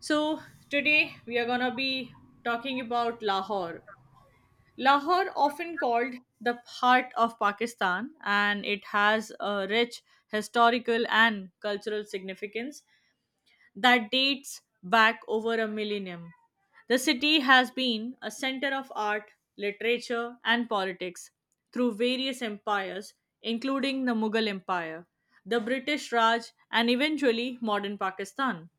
So, today we are going to be talking about Lahore. Lahore, often called the heart of Pakistan, and it has a rich historical and cultural significance that dates back over a millennium. The city has been a center of art, literature, and politics through various empires, including the Mughal Empire, the British Raj, and eventually modern Pakistan.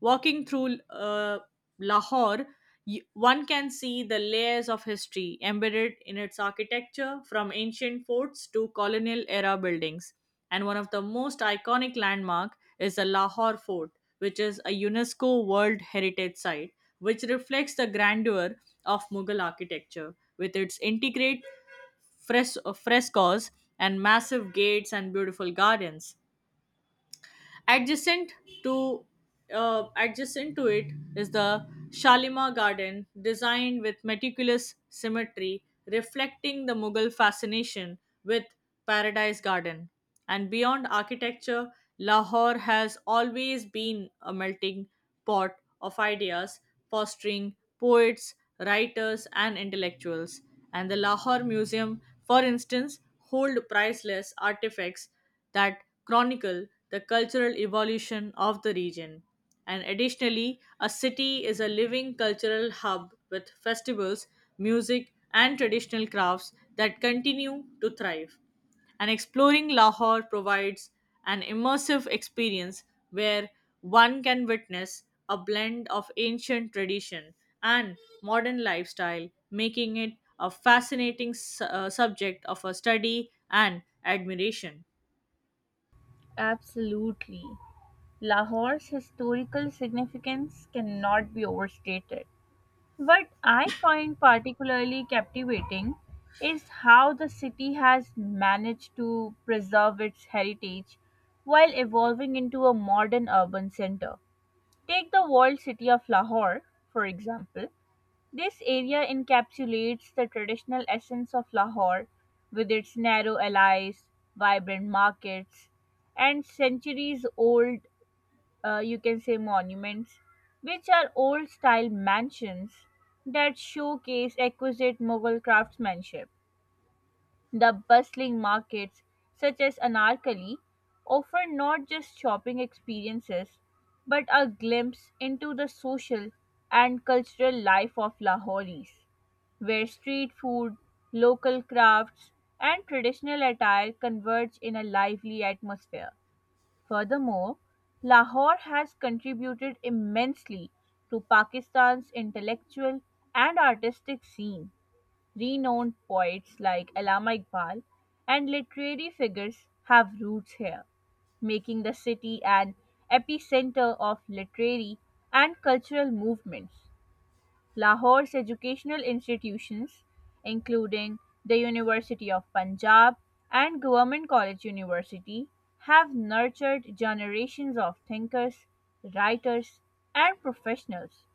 Walking through Lahore, one can see the layers of history embedded in its architecture, from ancient forts to colonial era buildings. And one of the most iconic landmark is the Lahore Fort, which is a UNESCO World Heritage Site, which reflects the grandeur of Mughal architecture with its intricate frescoes and massive gates and beautiful gardens. Adjacent to adjacent to it is the Shalimar Garden, designed with meticulous symmetry, reflecting the Mughal fascination with Paradise Garden. And beyond architecture, Lahore has always been a melting pot of ideas, fostering poets, writers, and intellectuals. And the Lahore Museum, for instance, hold priceless artifacts that chronicle the cultural evolution of the region. And additionally, a city is a living cultural hub with festivals, music, and traditional crafts that continue to thrive. And exploring Lahore provides an immersive experience where one can witness a blend of ancient tradition and modern lifestyle, making it a fascinating subject of a study and admiration. Absolutely. Lahore's historical significance cannot be overstated. What I find particularly captivating is how the city has managed to preserve its heritage while evolving into a modern urban center. Take the walled city of Lahore, for example. This area encapsulates the traditional essence of Lahore, with its narrow alleys, vibrant markets, and centuries old, you can say, monuments, which are old style mansions that showcase exquisite Mughal craftsmanship. The bustling markets, such as Anarkali, offer not just shopping experiences but a glimpse into the social and cultural life of Lahoris where street food, local crafts, and traditional attire converge in a lively atmosphere. Furthermore, Lahore has contributed immensely to Pakistan's intellectual and artistic scene. Renowned poets like Allama Iqbal and literary figures have roots here, making the city an epicenter of literary and cultural movements. Lahore's educational institutions, including the University of Punjab and Government College University, have nurtured generations of thinkers, writers, and professionals.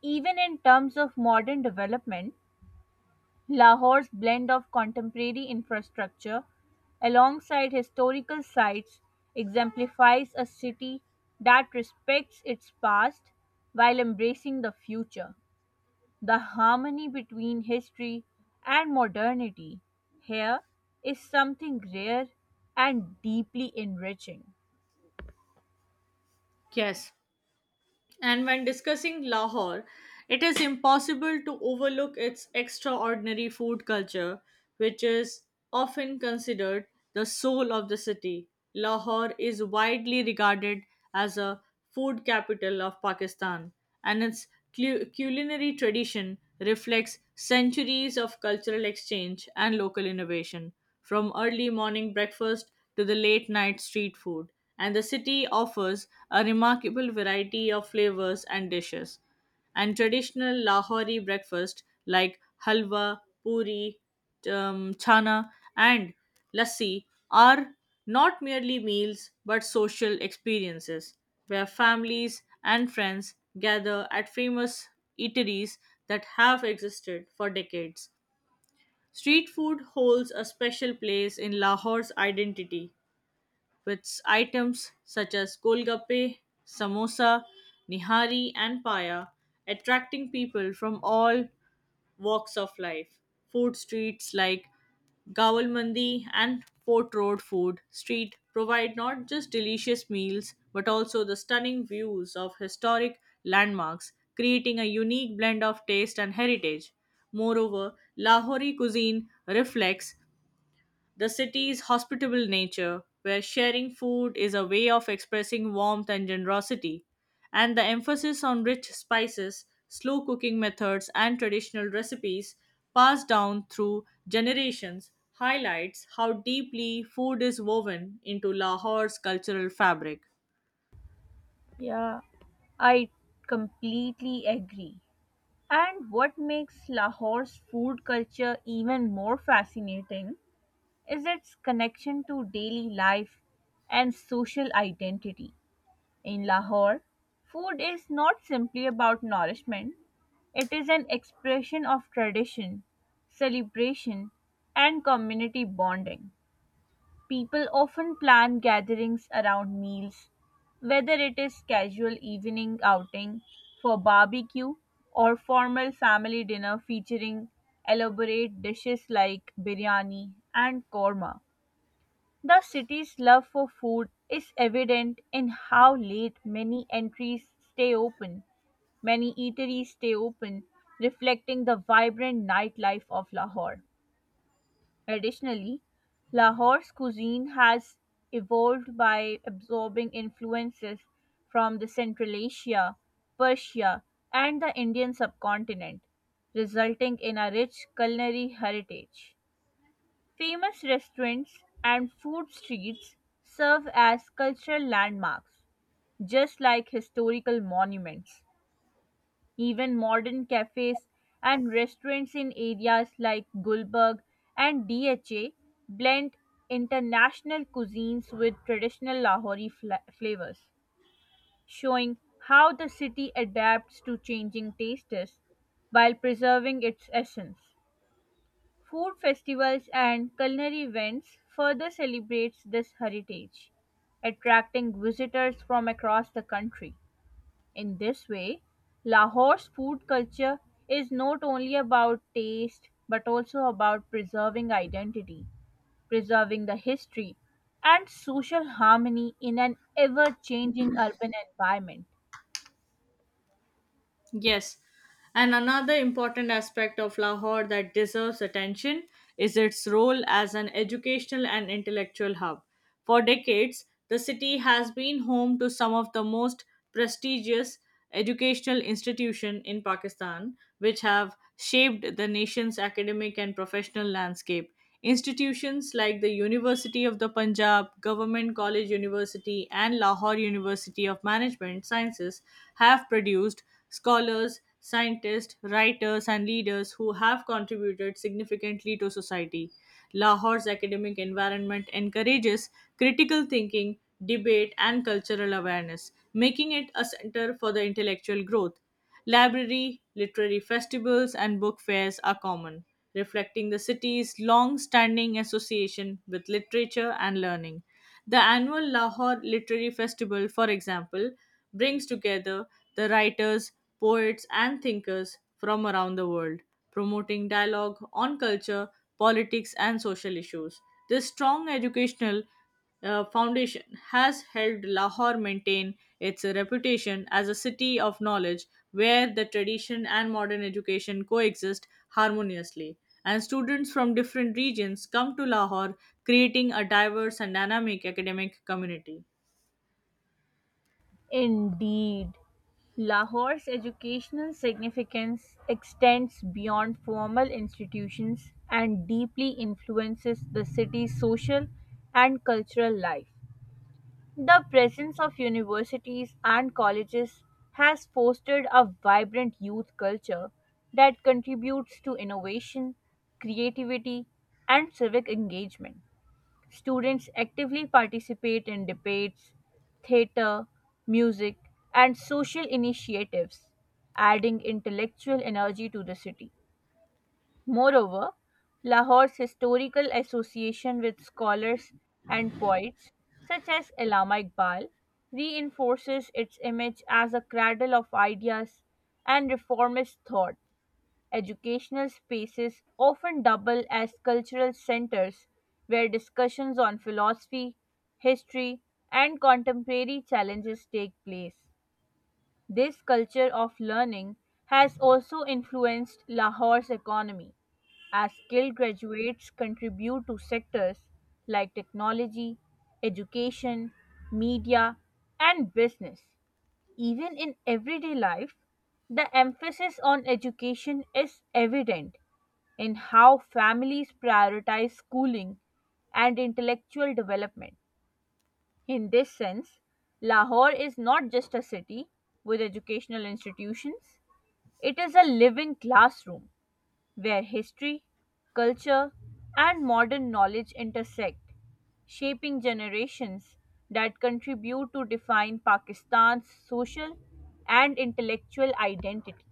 Even in terms of modern development, Lahore's blend of contemporary infrastructure alongside historical sites exemplifies a city that respects its past while embracing the future. The harmony between history and modernity here is something rare and deeply enriching. Yes, and when discussing Lahore, it is impossible to overlook its extraordinary food culture, which is often considered the soul of the city. Lahore is widely regarded as a food capital of Pakistan, and its culinary tradition reflects centuries of cultural exchange and local innovation, from early morning breakfast to the late night street food and the city offers a remarkable variety of flavors and dishes. And traditional Lahori breakfast like halwa, puri, chana, and lassi are not merely meals but social experiences where families and friends gather at famous eateries that have existed for decades. Street food holds a special place in Lahore's identity with items such as golgappe, samosa, nihari, and paya, attracting people from all walks of life. Food streets like Gawal Mandi and Fort Road Food Street provide not just delicious meals but also the stunning views of historic landmarks, creating a unique blend of taste and heritage. Moreover, Lahori cuisine reflects the city's hospitable nature, where sharing food is a way of expressing warmth and generosity, and the emphasis on rich spices, slow cooking methods, and traditional recipes passed down through generations highlights how deeply food is woven into Lahore's cultural fabric. Yeah, I completely agree. And what makes Lahore's food culture even more fascinating is its connection to daily life and social identity. In Lahore, food is not simply about nourishment, it is an expression of tradition, celebration, and community bonding. People often plan gatherings around meals, whether it is casual evening outing for barbecue or formal family dinner featuring elaborate dishes like biryani and korma. The city's love for food is evident in how late many entries stay open. Many eateries stay open, reflecting the vibrant nightlife of Lahore. Additionally, Lahore's cuisine has evolved by absorbing influences from the Central Asia, Persia, and the Indian subcontinent, resulting in a rich culinary heritage. Famous restaurants and food streets serve as cultural landmarks, just like historical monuments. Even modern cafes and restaurants in areas like Gulberg and DHA blend international cuisines with traditional Lahori flavors, showing how the city adapts to changing tastes while preserving its essence. Food festivals and culinary events further celebrates this heritage, attracting visitors from across the country. In this way, Lahore's food culture is not only about taste but also about preserving identity, preserving the history and social harmony in an ever-changing urban environment. Yes. And another important aspect of Lahore that deserves attention is its role as an educational and intellectual hub. For decades, the city has been home to some of the most prestigious educational institutions in Pakistan, which have shaped the nation's academic and professional landscape. Institutions like the University of the Punjab, Government College University, and Lahore University of Management Sciences have produced scholars, scientists, writers, and leaders who have contributed significantly to society. Lahore's academic environment encourages critical thinking, debate, and cultural awareness, making it a center for the intellectual growth. Library, literary festivals, and book fairs are common, reflecting the city's long standing association with literature and learning. The annual Lahore Literary Festival, for example, brings together the writers, poets, and thinkers from around the world, promoting dialogue on culture, politics, and social issues. This strong educational foundation has helped Lahore maintain its reputation as a city of knowledge where the tradition and modern education coexist harmoniously. And students from different regions come to Lahore, creating a diverse and dynamic academic community. Indeed, Lahore's educational significance extends beyond formal institutions and deeply influences the city's social and cultural life. The presence of universities and colleges has fostered a vibrant youth culture that contributes to innovation, creativity, and civic engagement. Students actively participate in debates, theater, music, and social initiatives, adding intellectual energy to the city. Moreover, Lahore's historical association with scholars and poets, such as Allama Iqbal, reinforces its image as a cradle of ideas and reformist thought educational spaces often double as cultural centers where discussions on philosophy, history, and contemporary challenges take place. This culture of learning has also influenced Lahore's economy, as skilled graduates contribute to sectors like technology, education, media, and business. Even in everyday life, the emphasis on education is evident in how families prioritize schooling and intellectual development. In this sense, Lahore is not just a city with educational institutions, it is a living classroom where history, culture, and modern knowledge intersect, shaping generations that contribute to define Pakistan's social and intellectual identity.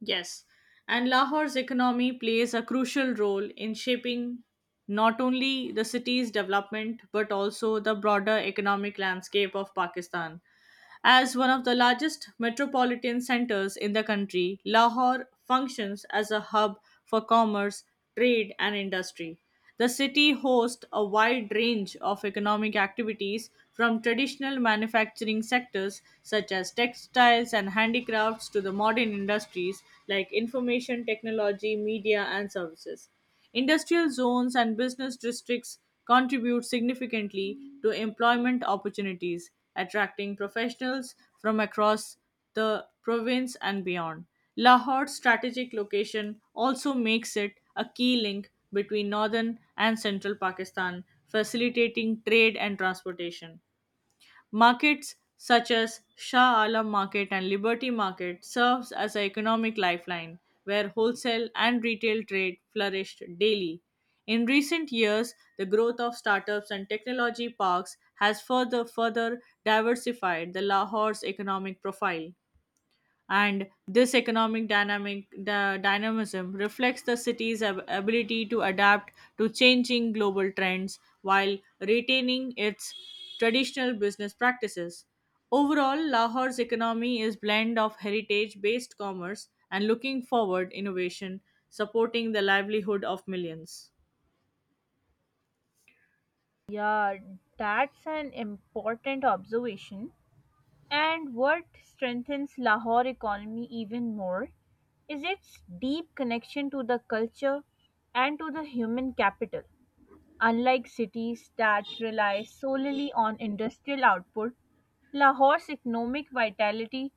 Yes, and Lahore's economy plays a crucial role in shaping not only the city's development but also the broader economic landscape of Pakistan. As one of the largest metropolitan centers in the country, Lahore functions as a hub for commerce, trade, and industry. The city hosts a wide range of economic activities from traditional manufacturing sectors such as textiles and handicrafts to the modern industries like information technology, media, and services. Industrial zones and business districts contribute significantly to employment opportunities, attracting professionals from across the province and beyond. Lahore's strategic location also makes it a key link between northern and central Pakistan, facilitating trade and transportation. Markets such as Shah Alam Market and Liberty Market serves as an economic lifeline where wholesale and retail trade flourished daily. In recent years, the growth of startups and technology parks has further diversified the Lahore's economic profile, and this economic dynamic the dynamism reflects the city's ability to adapt to changing global trends while retaining its traditional business practices. Overall, Lahore's economy is blend of heritage based commerce and looking forward innovation, supporting the livelihood of millions. Yeah, that's an important observation. And what strengthens Lahore economy even more is its deep connection to the culture and to the human capital. Unlike cities that rely solely on industrial output, Lahore's economic vitality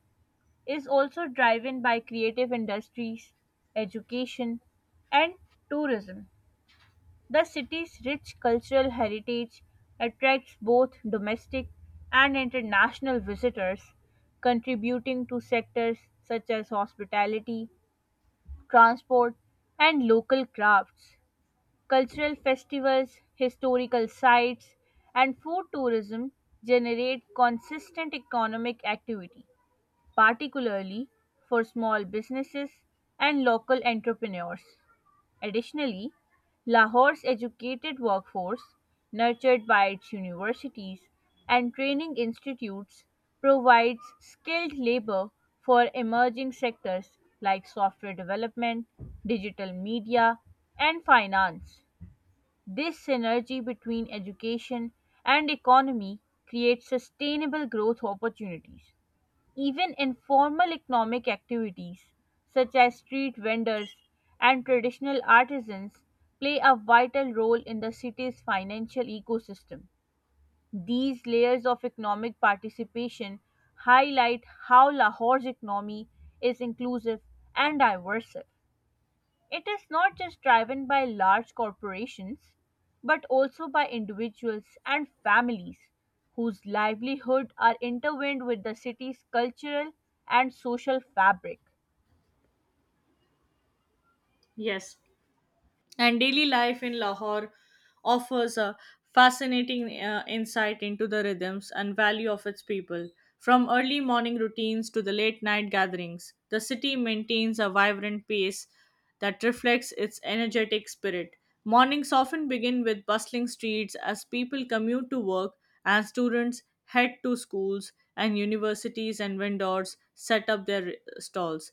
is also driven by creative industries, education, and tourism. The city's rich cultural heritage attracts both domestic and international visitors, contributing to sectors such as hospitality, transport, and local crafts. Cultural festivals, historical sites, and food tourism generate consistent economic activity, particularly for small businesses and local entrepreneurs. Additionally, Lahore's educated workforce, nurtured by its universities and training institutes, provides skilled labor for emerging sectors like software development, digital media, and finance. This synergy between education and economy creates sustainable growth opportunities. Even informal economic activities such as street vendors and traditional artisans play a vital role in the city's financial ecosystem. These layers of economic participation highlight how Lahore's economy is inclusive and diverse. It is not just driven by large corporations, but also by individuals and families whose livelihood are intertwined with the city's cultural and social fabric. Yes, and daily life in Lahore offers a fascinating insight into the rhythms and value of its people. From early morning routines to the late night gatherings, the city maintains a vibrant pace that reflects its energetic spirit. Mornings often begin with bustling streets as people commute to work and students head to schools and universities and vendors set up their stalls.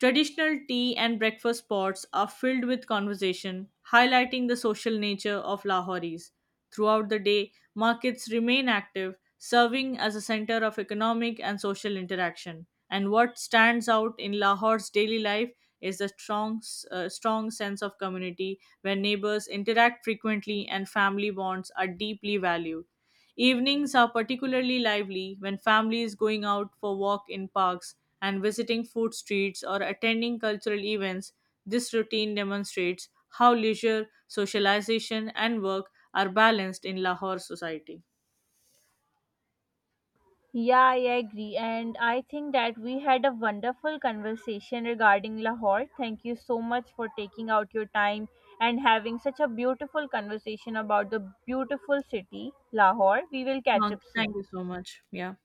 Traditional tea and breakfast spots are filled with conversation, highlighting the social nature of Lahoris. Throughout the day, markets remain active, serving as a center of economic and social interaction. And what stands out in Lahore's daily life is the strong sense of community where neighbors interact frequently and family bonds are deeply valued. Evenings are particularly lively when families going out for walk in parks and visiting food streets or attending cultural events. This routine demonstrates how leisure, socialization and work are balanced in Lahore society. Yeah, I agree. And I think that we had a wonderful conversation regarding Lahore. Thank you so much for taking out your time and having such a beautiful conversation about the beautiful city, Lahore. We will catch Thank up soon. thank you so much. Yeah.